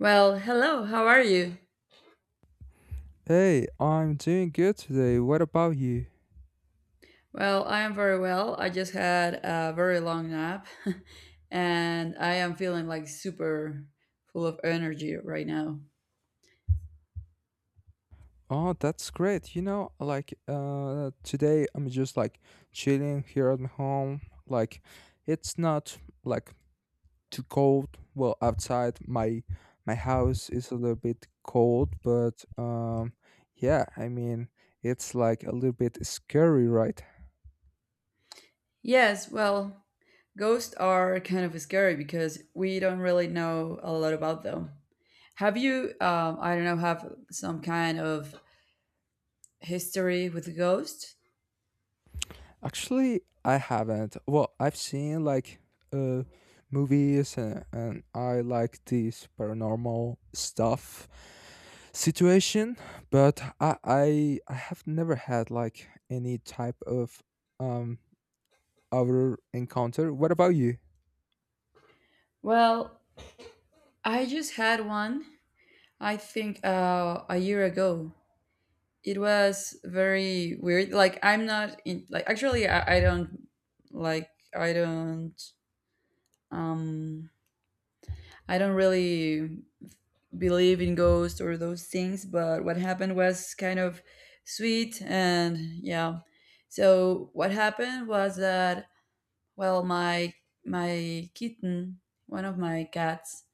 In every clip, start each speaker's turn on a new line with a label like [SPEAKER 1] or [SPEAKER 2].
[SPEAKER 1] Well, hello, how are you?
[SPEAKER 2] Hey, I'm doing good today. What about you?
[SPEAKER 1] Well, I am very well. I just had a very long nap and I am feeling like super full of energy right now.
[SPEAKER 2] Oh, that's great. Today I'm just chilling here at my home. It's not like too cold. Well, outside my house is a little bit cold, but yeah, I mean, it's like a little bit scary, right?
[SPEAKER 1] Yes, well, ghosts are kind of scary because we don't really know a lot about them. Have you, I don't know, have some kind of history with ghosts?
[SPEAKER 2] Actually, I haven't. Well, I've seen like uh movies and I like this paranormal stuff situation, but I have never had like any type of um other encounter. What about you?
[SPEAKER 1] Well, I just had one, I think a year ago. It was very weird. Like, I'm not in, like, actually, I don't, like, i don't um I don't really believe in ghosts or those things, but what happened was kind of sweet, and yeah. So what happened was that, well, my kitten, one of my cats,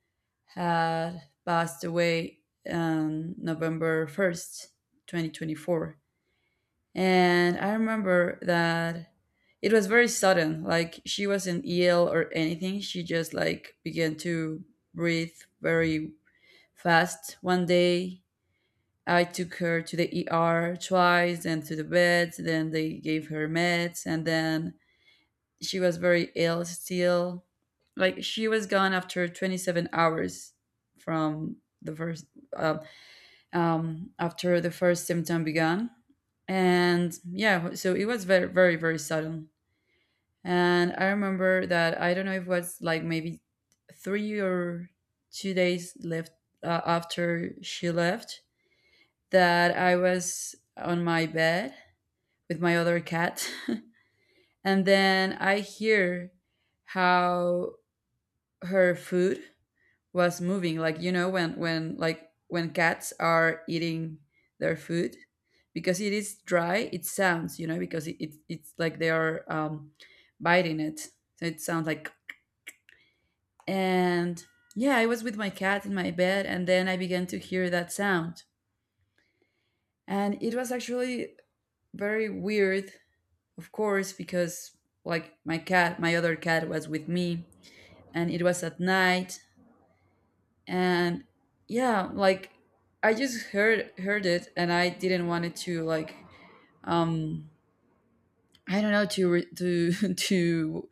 [SPEAKER 1] had passed away on November 1st, 2024. And I remember that it was very sudden. Like, she wasn't ill or anything. She just like began to breathe very fast one day. I took her to the ER twice and to the bed. Then they gave her meds, and then she was very ill still. Like, she was gone after 27 hours from the first uh, after the first symptom began. And yeah, so it was very, very, very sudden. And I remember that, I don't know, if it was like maybe 3 or 2 days left, after she left, that I was on my bed with my other cat, and then I hear how her food was moving. Like, you know, when when cats are eating their food, because it is dry, it sounds, you know, because it's like they are biting it, so it sounds like. And yeah, I was with my cat in my bed, and then I began to hear that sound. And it was actually very weird, of course, because, like, my other cat was with me, and it was at night. And yeah, like, I just heard it, and I didn't want it to, like, um I don't know, to to to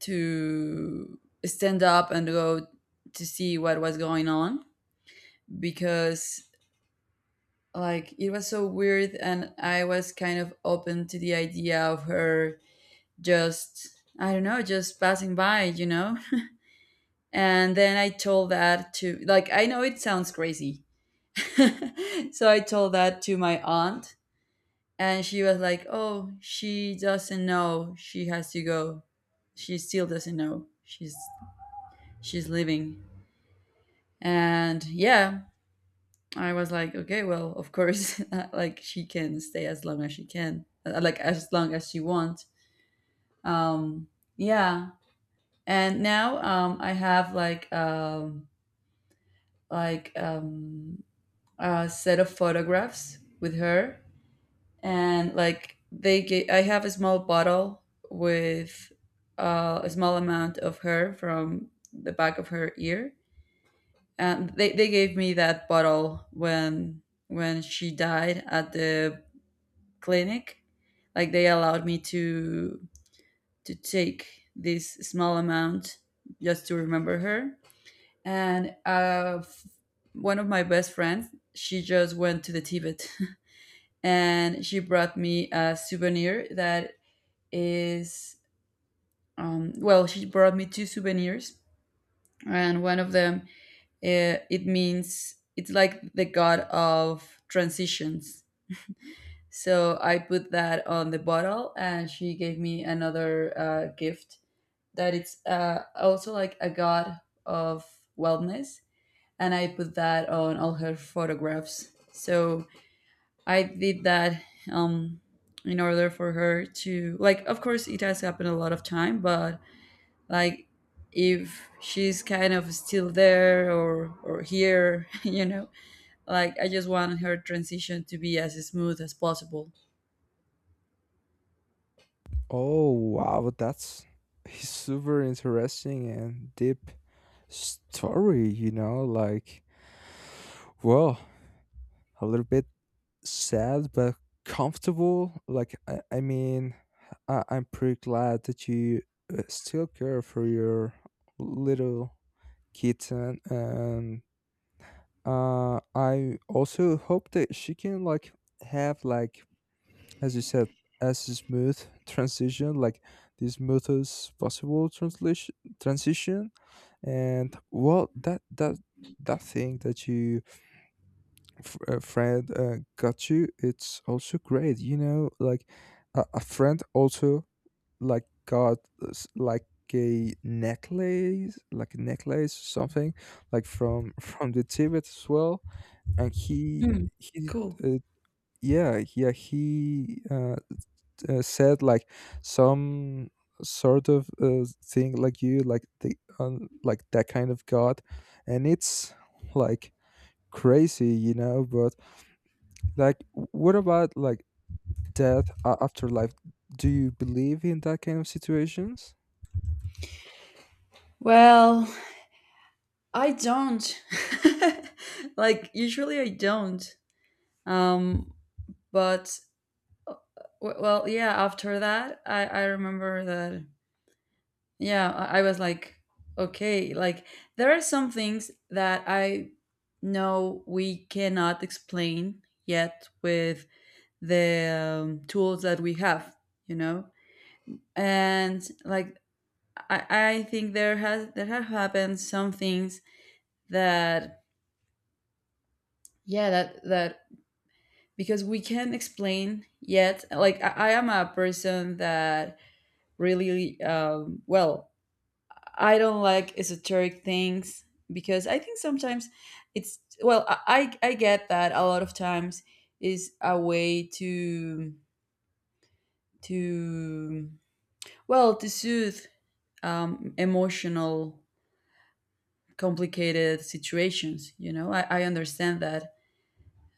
[SPEAKER 1] to stand up and go to see what was going on, because, like, it was so weird, and I was kind of open to the idea of her just, I don't know, just passing by. And then I told that to, like, I know it sounds crazy, so I told that to my aunt, and she was like, "Oh, she doesn't know. She has to go. She still doesn't know. She's leaving." And yeah, I was like, "Okay, well, of course, like, she can stay as long as she can, as long as she wants." Um, yeah, and now, I have, like um, a set of photographs with her. And, I have a small bottle with a small amount of hair from the back of her ear, and they gave me that bottle when she died at the clinic. Like, they allowed me to take this small amount, just to remember her. And one of my best friends, she just went to the Tibet and she brought me a souvenir that is, well, she brought me 2 souvenirs, and one of them, it means, it's like the god of transitions. So I put that on the bottle, and she gave me another gift that it's, also like a god of wellness, and I put that on all her photographs. So I did that, um, in order for her to like. Of course, it has happened a lot of time, but, like, if she's kind of still there, or here, like, I just want her transition to be as smooth as possible.
[SPEAKER 2] Oh wow, that's a super interesting and deep story, you know, like well, a little bit sad but comfortable. Like I mean, I'm pretty glad that you still care for your little kitten, and I also hope that she can have like, as you said, as a smooth transition, like the smoothest possible translation transition. And well, that thing that you Fred got you. It's also great, you know. Like a friend also got s- like a necklace, like a necklace something, like from from the Tibet as well. And
[SPEAKER 1] Mm,
[SPEAKER 2] he
[SPEAKER 1] cool.
[SPEAKER 2] uh, yeah yeah he said like some sort of thing like you the like that kind of god, and it's like crazy, you know, but like, what about like death afterlife? Do you believe in that kind of situations?
[SPEAKER 1] Well, I don't. Like, usually I don't, um but, well, yeah, after that, I remember that, yeah. I was like, okay, like, there are some things that I know we cannot explain yet with the, tools that we have, you know? And, like, I think there have happened some things that, yeah, that because we can't explain yet. Like, I am a person that really, well, I don't like esoteric things, because I think sometimes it's well, I get that a lot of times is a way to to well to, soothe emotional, complicated situations. You know, I understand that.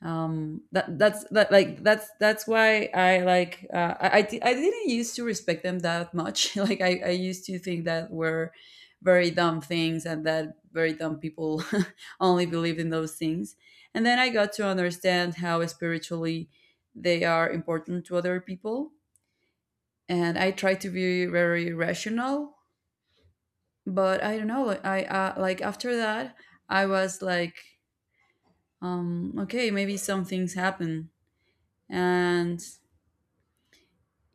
[SPEAKER 1] That's why I like, I didn't used to respect them that much. Like, I used to think that were very dumb things and that very dumb people only believe in those things. And then I got to understand how spiritually they are important to other people. And I try to be very rational, but I don't know, like, I like, after that, I was like, okay, maybe some things happen. And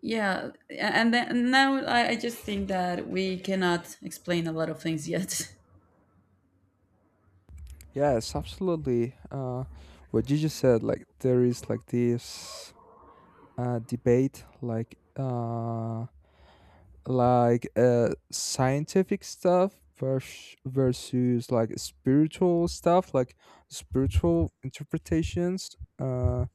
[SPEAKER 1] yeah, and then now, I just think that we cannot explain a lot of things yet.
[SPEAKER 2] Yes, absolutely. What you just said, like there is like this debate, like scientific stuff versus like spiritual stuff, like spiritual interpretations.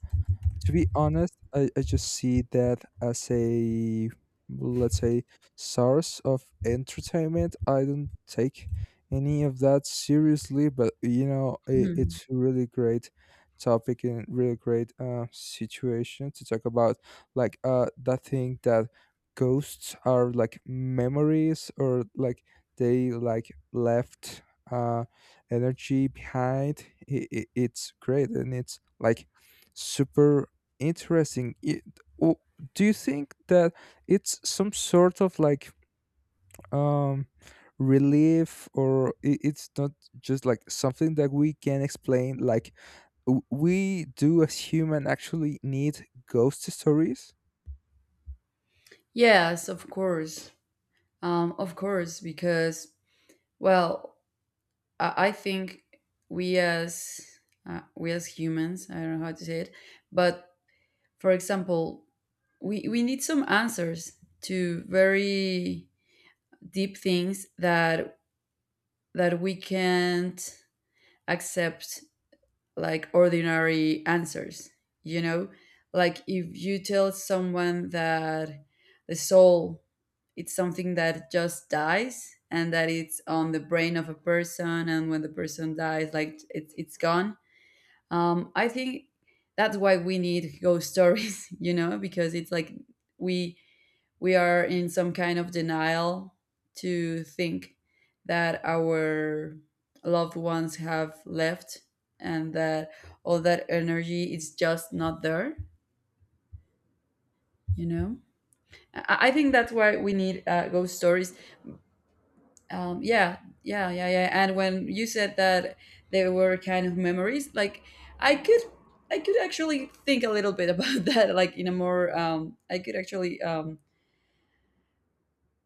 [SPEAKER 2] To be honest, I just see that as a, let's say, source of entertainment. I don't take any of that seriously, but you know, I
[SPEAKER 1] Hmm.
[SPEAKER 2] it's a really great topic and really great situation to talk about. Like that thing that ghosts are like memories, or like they like left uh energy behind. It's great, and it's like super interesting. W- do you think that it's some sort of like um, relief, or it's not just like something that we can explain? Like we do as human actually need ghost stories.
[SPEAKER 1] Yes, of course. Of course, because, well, I think we as, humans, I don't know how to say it, but, for example, we need some answers to very deep things that we can't accept, like, ordinary answers, you know, like, if you tell someone that the soul, it's something that just dies and that it's on the brain of a person, and when the person dies, like, it's gone. I think that's why we need ghost stories. You know, because it's like, we we are in some kind of denial to think that our loved ones have left and that all that energy is just not there you know I think that's why we need, ghost stories. Yeah, yeah, yeah, yeah, and when you said that they were kind of memories, like, i could I could actually think a little bit about that, like, in a more, I could actually,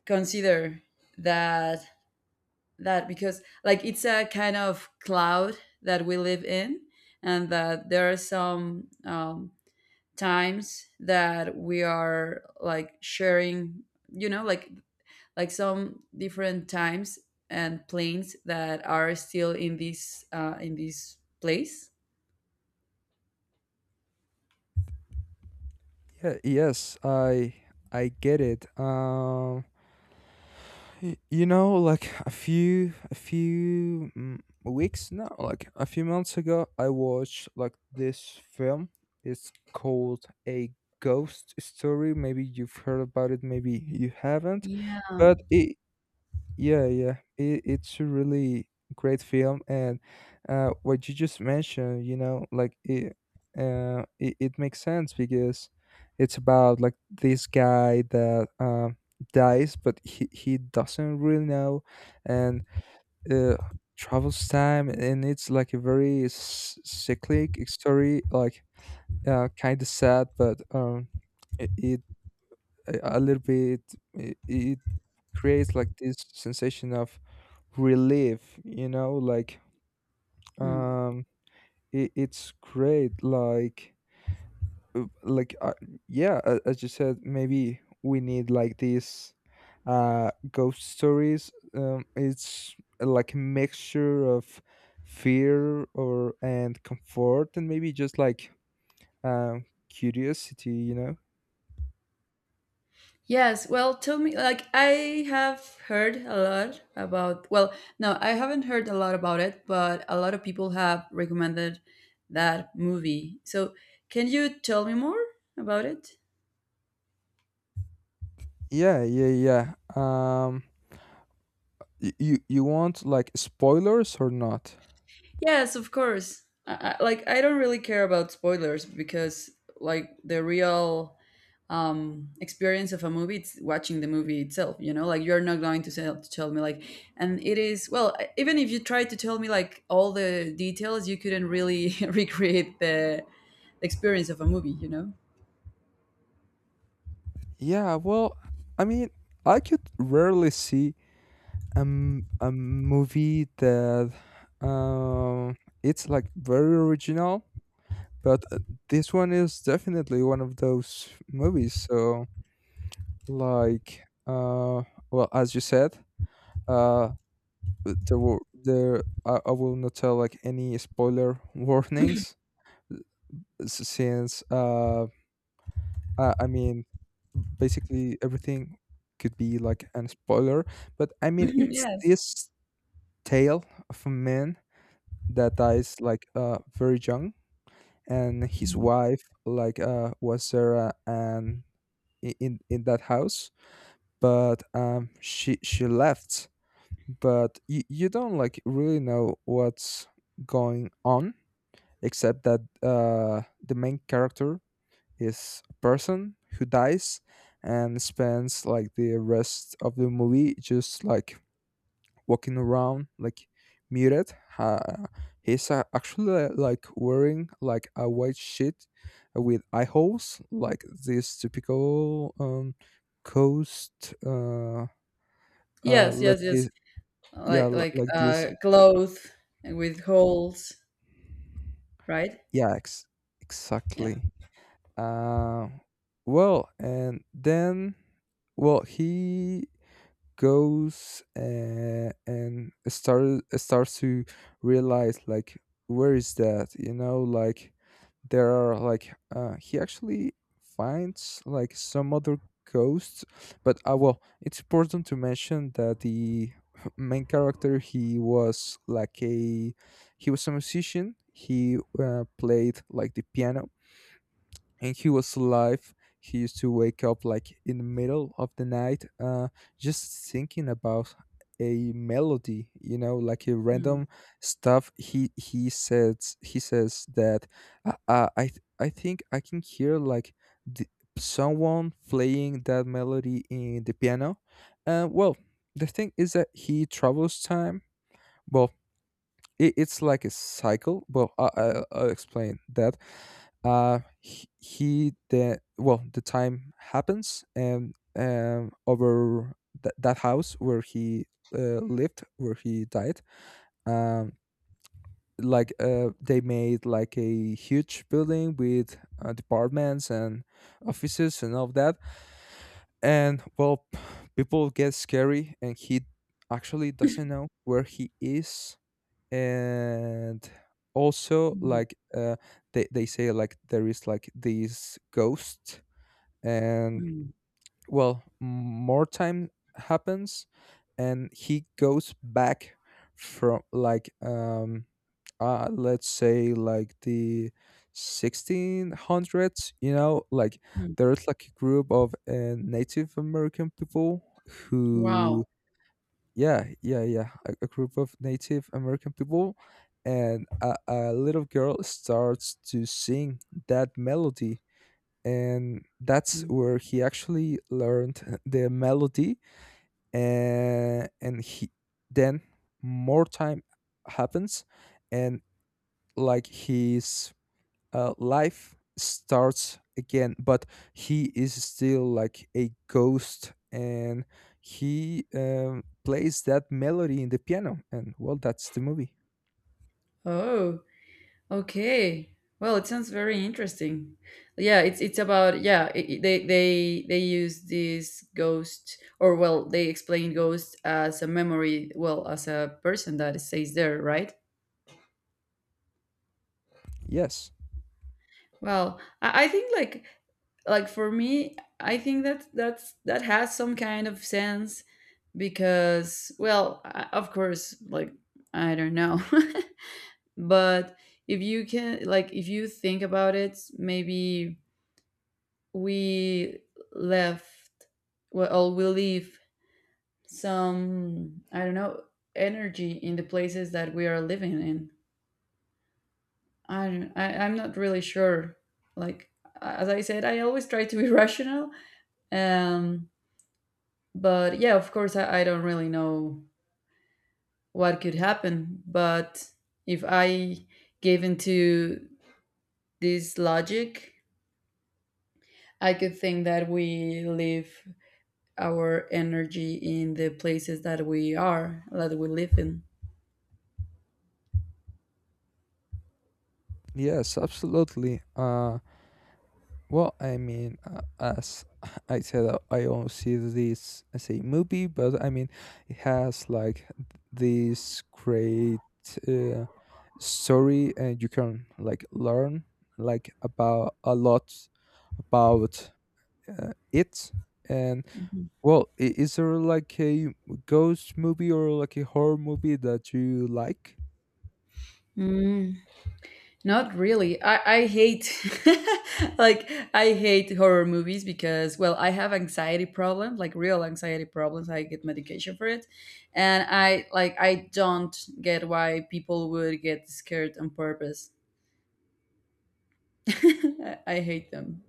[SPEAKER 1] consider that because, like, it's a kind of cloud that we live in, and that there are some, times that we are like sharing, you know like like some different times and planes that are still in this, place.
[SPEAKER 2] Yeah. Yes. I get it. You know, like weeks now, like a few months ago, I watched like this film. It's called A Ghost Story. Maybe you've heard about it, maybe you haven't.
[SPEAKER 1] Yeah.
[SPEAKER 2] But yeah, yeah, it's a really great film, and what you just mentioned, you know, like it makes sense because it's about like this guy that dies, but he doesn't really know, and uh, travels time, and it's like a very cyclic story, like kind of sad, but it, it a little bit it, it creates like this sensation of relief, you know, like
[SPEAKER 1] Hmm.
[SPEAKER 2] um it, it's great. Like uh, like uh, yeah, as you said, maybe we need like these ghost stories. It's like a mixture of fear or and comfort and maybe just like curiosity, you know.
[SPEAKER 1] Yes, well, tell me, like, I have heard a lot about, well, no, I haven't heard a lot about it, but a lot of people have recommended that movie. So, can you tell me more about it?
[SPEAKER 2] yeah yeah yeah um you want like spoilers or not?
[SPEAKER 1] Yes, of course. Like, I don't really care about spoilers because, like, the real experience of a movie, it's watching the movie itself, like, you're not going to to tell me, like. And it is, well, even if you tried to tell me, like, all the details, you couldn't really recreate the experience of a movie.
[SPEAKER 2] Yeah, well, I mean, I could rarely see a movie that um it's like very original, but this one is definitely one of those movies. So like uh well, as you said, uh there were there I will not tell like any spoiler warnings s- since I mean, basically everything could be like an spoiler, but I mean,
[SPEAKER 1] Mhm,
[SPEAKER 2] it's
[SPEAKER 1] yes.
[SPEAKER 2] this tale of a man that dies like very young, and his
[SPEAKER 1] Mhm.
[SPEAKER 2] wife like was there, and in that house, but she left, but you don't like really know what's going on, except that the main character is a person who dies and spends like the rest of the movie just like walking around like muted. He's actually like wearing like a white sheet with eye holes, like this typical coast
[SPEAKER 1] Yes,
[SPEAKER 2] let's
[SPEAKER 1] yes,
[SPEAKER 2] say.
[SPEAKER 1] yes.
[SPEAKER 2] Yeah,
[SPEAKER 1] like like
[SPEAKER 2] like this.
[SPEAKER 1] clothes, with holes, right?
[SPEAKER 2] Yeah,
[SPEAKER 1] Yeah.
[SPEAKER 2] exactly. Uh well and then, well, he goes, and start starts to realize like where is that, you know, like there are like he actually finds like some other ghosts. But well, it's important to mention that the main character, he was like a musician. He played like the piano, and he was alive. He used to wake up like in the middle of the night, just thinking about a melody, you know, like a
[SPEAKER 1] Mm,
[SPEAKER 2] random stuff. He says that I think I can hear like the, someone playing that melody in the piano. And well, the thing is that he travels time, but it, it's like a cycle. Well, I'll explain that. He the Well, the time happens, and over that house where he lived, where he died, um, they made like a huge building with departments and offices and all of that. And well, people get scary, and he actually doesn't know where he is. And also
[SPEAKER 1] mm,
[SPEAKER 2] like they say like there is like these ghosts. And
[SPEAKER 1] mm,
[SPEAKER 2] well, more time happens, and he goes back from like let's say like the 1600s, you know, like
[SPEAKER 1] mm.
[SPEAKER 2] there's like a group of native american people
[SPEAKER 1] Wow.
[SPEAKER 2] who... Yeah, yeah, yeah. A group of Native American people, and a little girl starts to sing that melody. And that's
[SPEAKER 1] Mm.
[SPEAKER 2] where he actually learned the melody. And he, then, more time happens, and like his life starts again, but he is still like a ghost, and he plays that melody in the piano. And well, that's the movie.
[SPEAKER 1] Oh. Okay. Well, it sounds very interesting. Yeah, it's about, yeah, they use this ghost, or, well, they explain ghost as a memory, well, as a person that stays there, right?
[SPEAKER 2] yes
[SPEAKER 1] Well, I think like for me, I think that that has some kind of sense, because, well, I, of course, like, I don't know, but if you can like if you think about it, maybe we left well, we leave some, I don't know, energy in the places that we are living in. I'm not really sure, like, as I said, I always try to be rational, um but, yeah, of course, I don't really know what could happen, but if I gave into this logic, I could think that we live our energy in the places that that we live in.
[SPEAKER 2] yes, absolutely. Well, I mean, as I said, I don't see this as a movie, but I mean, it has like this great uh, story, and you can like learn like about a lot about it. And well, is there like a ghost movie or like a horror movie that you like?
[SPEAKER 1] Mm, not really. I hate like, I hate horror movies, because, well, I have anxiety problems, like, real anxiety problems. I get medication for it. And I don't get why people would get scared on purpose. I hate them.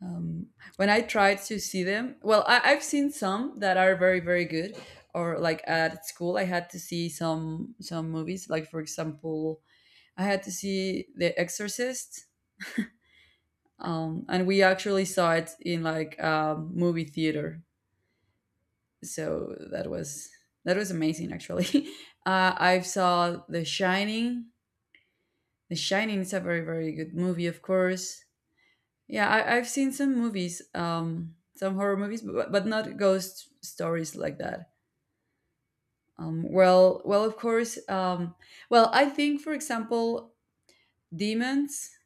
[SPEAKER 1] um, when I tried to see them, well, I've seen some that are very, very good. Or, like, at school, I had to see some movies. Like, for example, I had to see The Exorcist, and we actually saw it in, like, a movie theater. So that was amazing. Actually, I saw The Shining. The Shining is a very, very good movie, of course. Yeah, I've seen some movies, some horror movies, but not ghost stories like that. Well, of course. Well, I think, for example, demons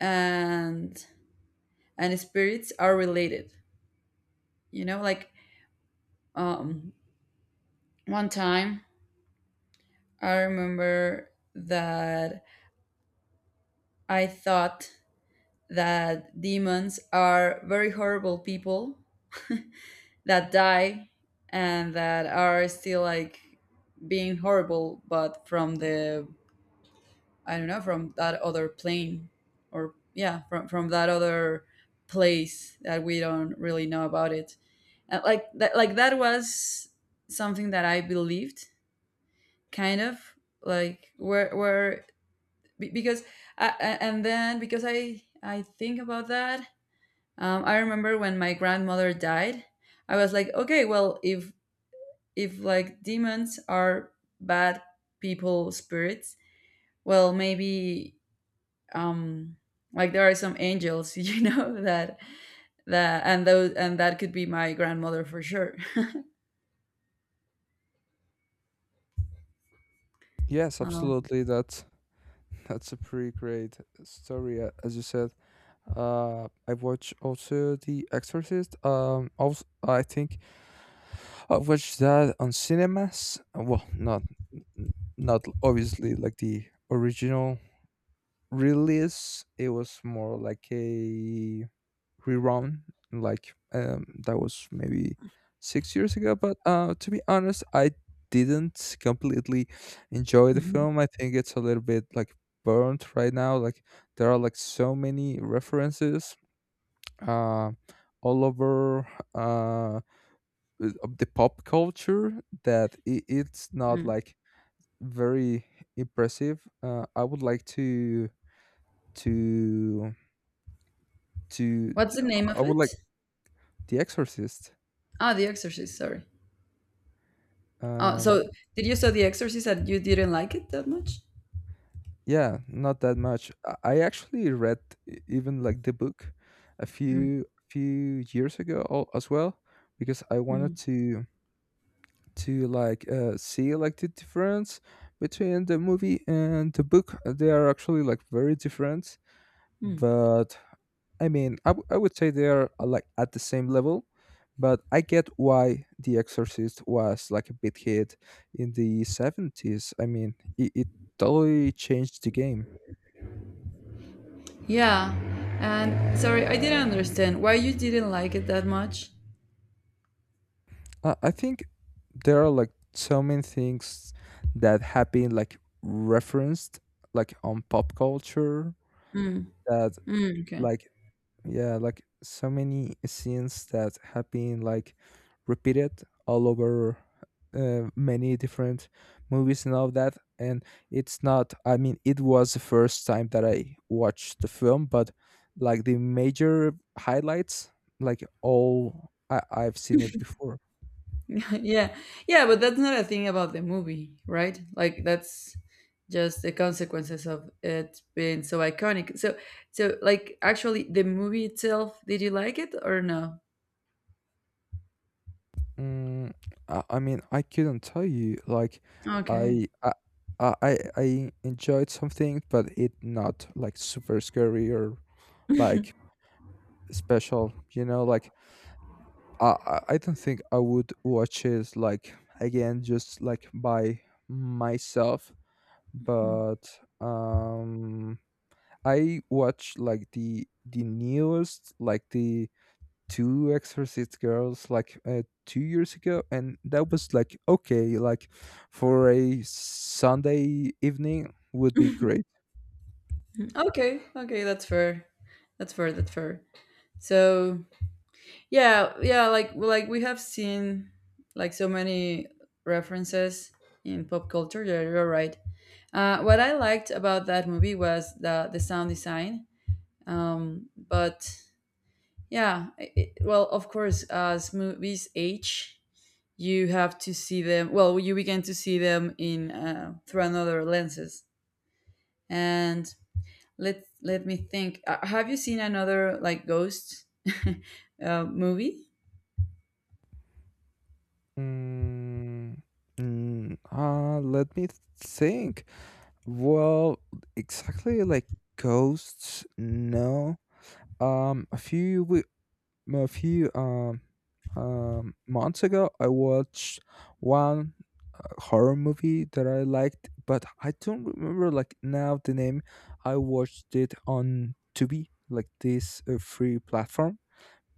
[SPEAKER 1] and and spirits are related. You know, like um, one time I remember that I thought that demons are very horrible people that die and that are still like being horrible but from the, I don't know, from that other plane or yeah, from that other place that we don't really know about it. And like that was something that I believed, kind of. Like where be- because I- and then because I think about that. I remember when my grandmother died, I was like, okay, well, if like demons are bad people spirits, well maybe um like there are some angels, you know, that that and those and that could be my grandmother for sure.
[SPEAKER 2] Yes,
[SPEAKER 1] Um,
[SPEAKER 2] absolutely. That's a pretty great story, as you said. I watch also The Exorcist. Also I think I watched that on cinemas. Well, not obviously like the original release. It was more like a rerun. Like that was maybe 6 years ago. But to be honest, I didn't completely enjoy the film. I think it's a little bit like burnt right now. Like there are like so many references uh, all over uh, of the pop culture that I it's not
[SPEAKER 1] mm.
[SPEAKER 2] like very impressive. To to
[SPEAKER 1] What's the name
[SPEAKER 2] I
[SPEAKER 1] of
[SPEAKER 2] would
[SPEAKER 1] it?
[SPEAKER 2] like The Exorcist.
[SPEAKER 1] Ah, The Exorcist. Sorry. Oh,
[SPEAKER 2] Um,
[SPEAKER 1] so did you saw The Exorcist and you didn't like it that much?
[SPEAKER 2] yeah, not that much. I actually read even like the book a
[SPEAKER 1] Mm,
[SPEAKER 2] few few years ago, as well, because I wanted
[SPEAKER 1] mm,
[SPEAKER 2] to like see like the difference between the movie and the book. They are actually like very different,
[SPEAKER 1] mm.
[SPEAKER 2] but I would say they are like at the same level. But I get why the exorcist was like a big hit in the 70s. I mean, it totally changed the game.
[SPEAKER 1] Yeah, and sorry, I didn't understand why you didn't like it that much.
[SPEAKER 2] I think there are like so many things that have been like referenced like on pop culture
[SPEAKER 1] Mm,
[SPEAKER 2] that
[SPEAKER 1] mm, okay.
[SPEAKER 2] like yeah, like so many scenes that have been like repeated all over many different movies and all of that. And it's not... I mean, it was the first time that I watched the film, but like the major highlights, I've seen it before.
[SPEAKER 1] Yeah, yeah, but that's not a thing about the movie, right? Like that's just the consequences of it being so iconic. So, so like, actually, the movie itself, did you like it or no?
[SPEAKER 2] mm, I mean, I couldn't tell you like
[SPEAKER 1] Okay.
[SPEAKER 2] i i I enjoyed something, but it not like super scary or like special, you know. Like I don't think I would watch it like again just like by myself. But um I watch like the newest like the two exorcist girls like 2 years ago, and that was like okay. Like for a sunday evening, would be great.
[SPEAKER 1] Okay, okay, that's fair. That's fair, that's fair. So yeah, yeah, like we have seen like so many references in pop culture, yeah, you're right. What I liked about that movie was the sound design. But yeah, well, of course, as movies age, you have to see them. Well, you begin to see them in, through another lenses. And let me think. Have you seen another like ghost movie?
[SPEAKER 2] mm, Let me think. Well, exactly like ghosts. No. Um, a few we- a few months ago, I watched one horror movie that I liked, but I don't remember like now the name. I watched it on Tubi, like this free platform,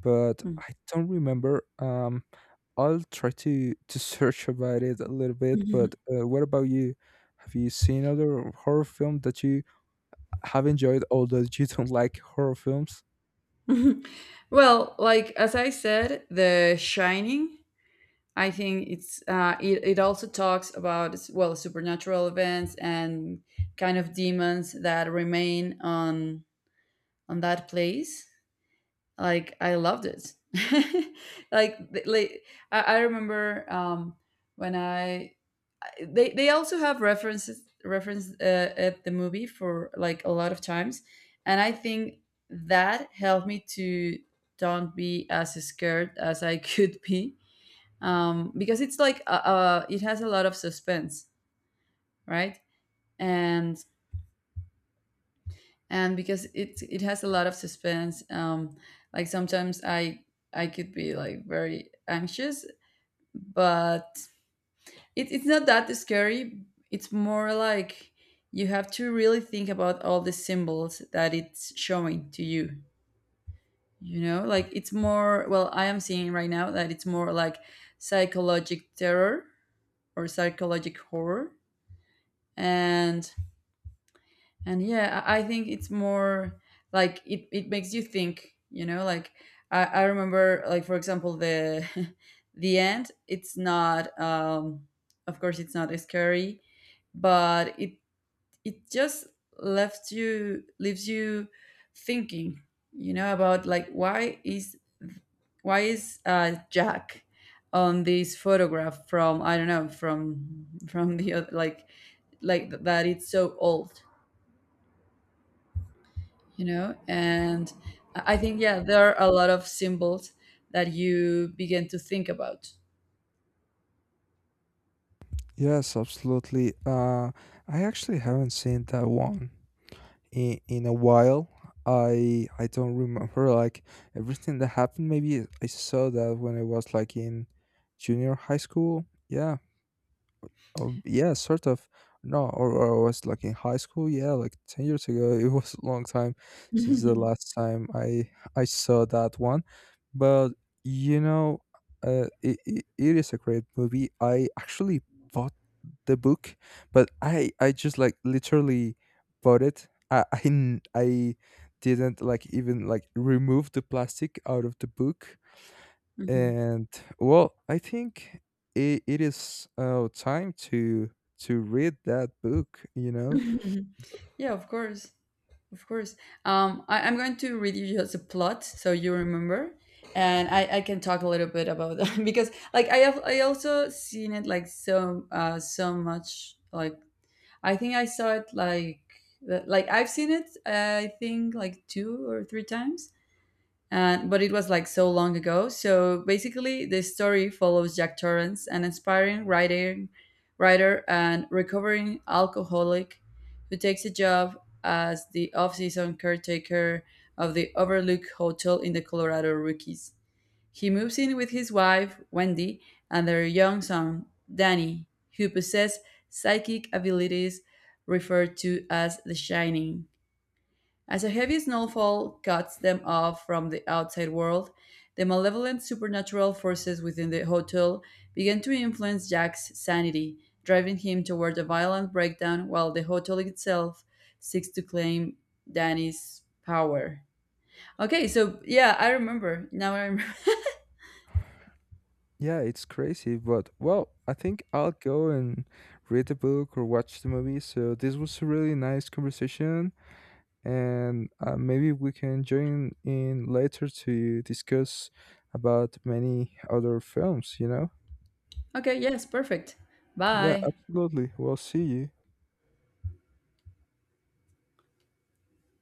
[SPEAKER 2] but
[SPEAKER 1] Mm.
[SPEAKER 2] I don't remember. I'll try to search about it a little bit. But what about you? Have you seen other horror film that you have enjoyed, although you don't like horror films?
[SPEAKER 1] Well, like as I said, The Shining, I think it's it also talks about, well, supernatural events and kind of demons that remain on that place. Like I loved it. like, like I remember when I, they also have references reference at the movie for like a lot of times, and I think that helped me to don't be as scared as I could be. Because it's like it has a lot of suspense, right? And and because it has a lot of suspense, like sometimes I could be like very anxious, but it, it's not that scary. It's more like you have to really think about all the symbols that it's showing to you. You know, like it's more, well, I am seeing right now that it's more like psychologic terror or psychologic horror. And and yeah, I think it's more like it makes you think, you know, like I remember, like, for example, the the end, it's not of course it's not scary, but it just left you leaves you thinking, you know, about like, why is, why is Jack on this photograph from, I don't know, from from the that it's so old, you know? And I think, yeah, there are a lot of symbols that you begin to think about.
[SPEAKER 2] Yes, absolutely. I actually haven't seen that one in a while. I don't remember like everything that happened. Maybe I saw that when I was like in junior high school. Yeah. Oh, yeah, sort of. No, or I was like in high school. Yeah, like 10 years ago. It was a long time since the last time I saw that one. But you know, it is a great movie. I actually bought the book, but I just like literally bought it. I didn't like even like remove the plastic out of the book.
[SPEAKER 1] Mhm.
[SPEAKER 2] And well, I think it is time to read that book. You know,
[SPEAKER 1] Yeah, of course. Of course. I'm going to read you just a plot so you remember, and I can talk a little bit about that because like I have, I also seen it like so, so much. Like I think I saw it like I've seen it, I think, like two or three times, but it was like so long ago. So basically, the story follows Jack Torrance, an aspiring writing, writer and recovering alcoholic who takes a job as the off season caretaker of the Overlook Hotel in the Colorado Rockies. He moves in with his wife, Wendy, and their young son, Danny, who possess psychic abilities referred to as the Shining. As a heavy snowfall cuts them off from the outside world, the malevolent supernatural forces within the hotel begin to influence Jack's sanity, driving him toward a violent breakdown while the hotel itself seeks to claim Danny's power. Okay, so yeah, I remember. Now I remember.
[SPEAKER 2] yeah, it's crazy, but well, I think I'll go and read the book or watch the movie. So this was a really nice conversation, and maybe we can join in later to discuss about many other films. You know,
[SPEAKER 1] Okay, yes, perfect.
[SPEAKER 2] yeah,
[SPEAKER 1] Bye.
[SPEAKER 2] absolutely. We'll see you.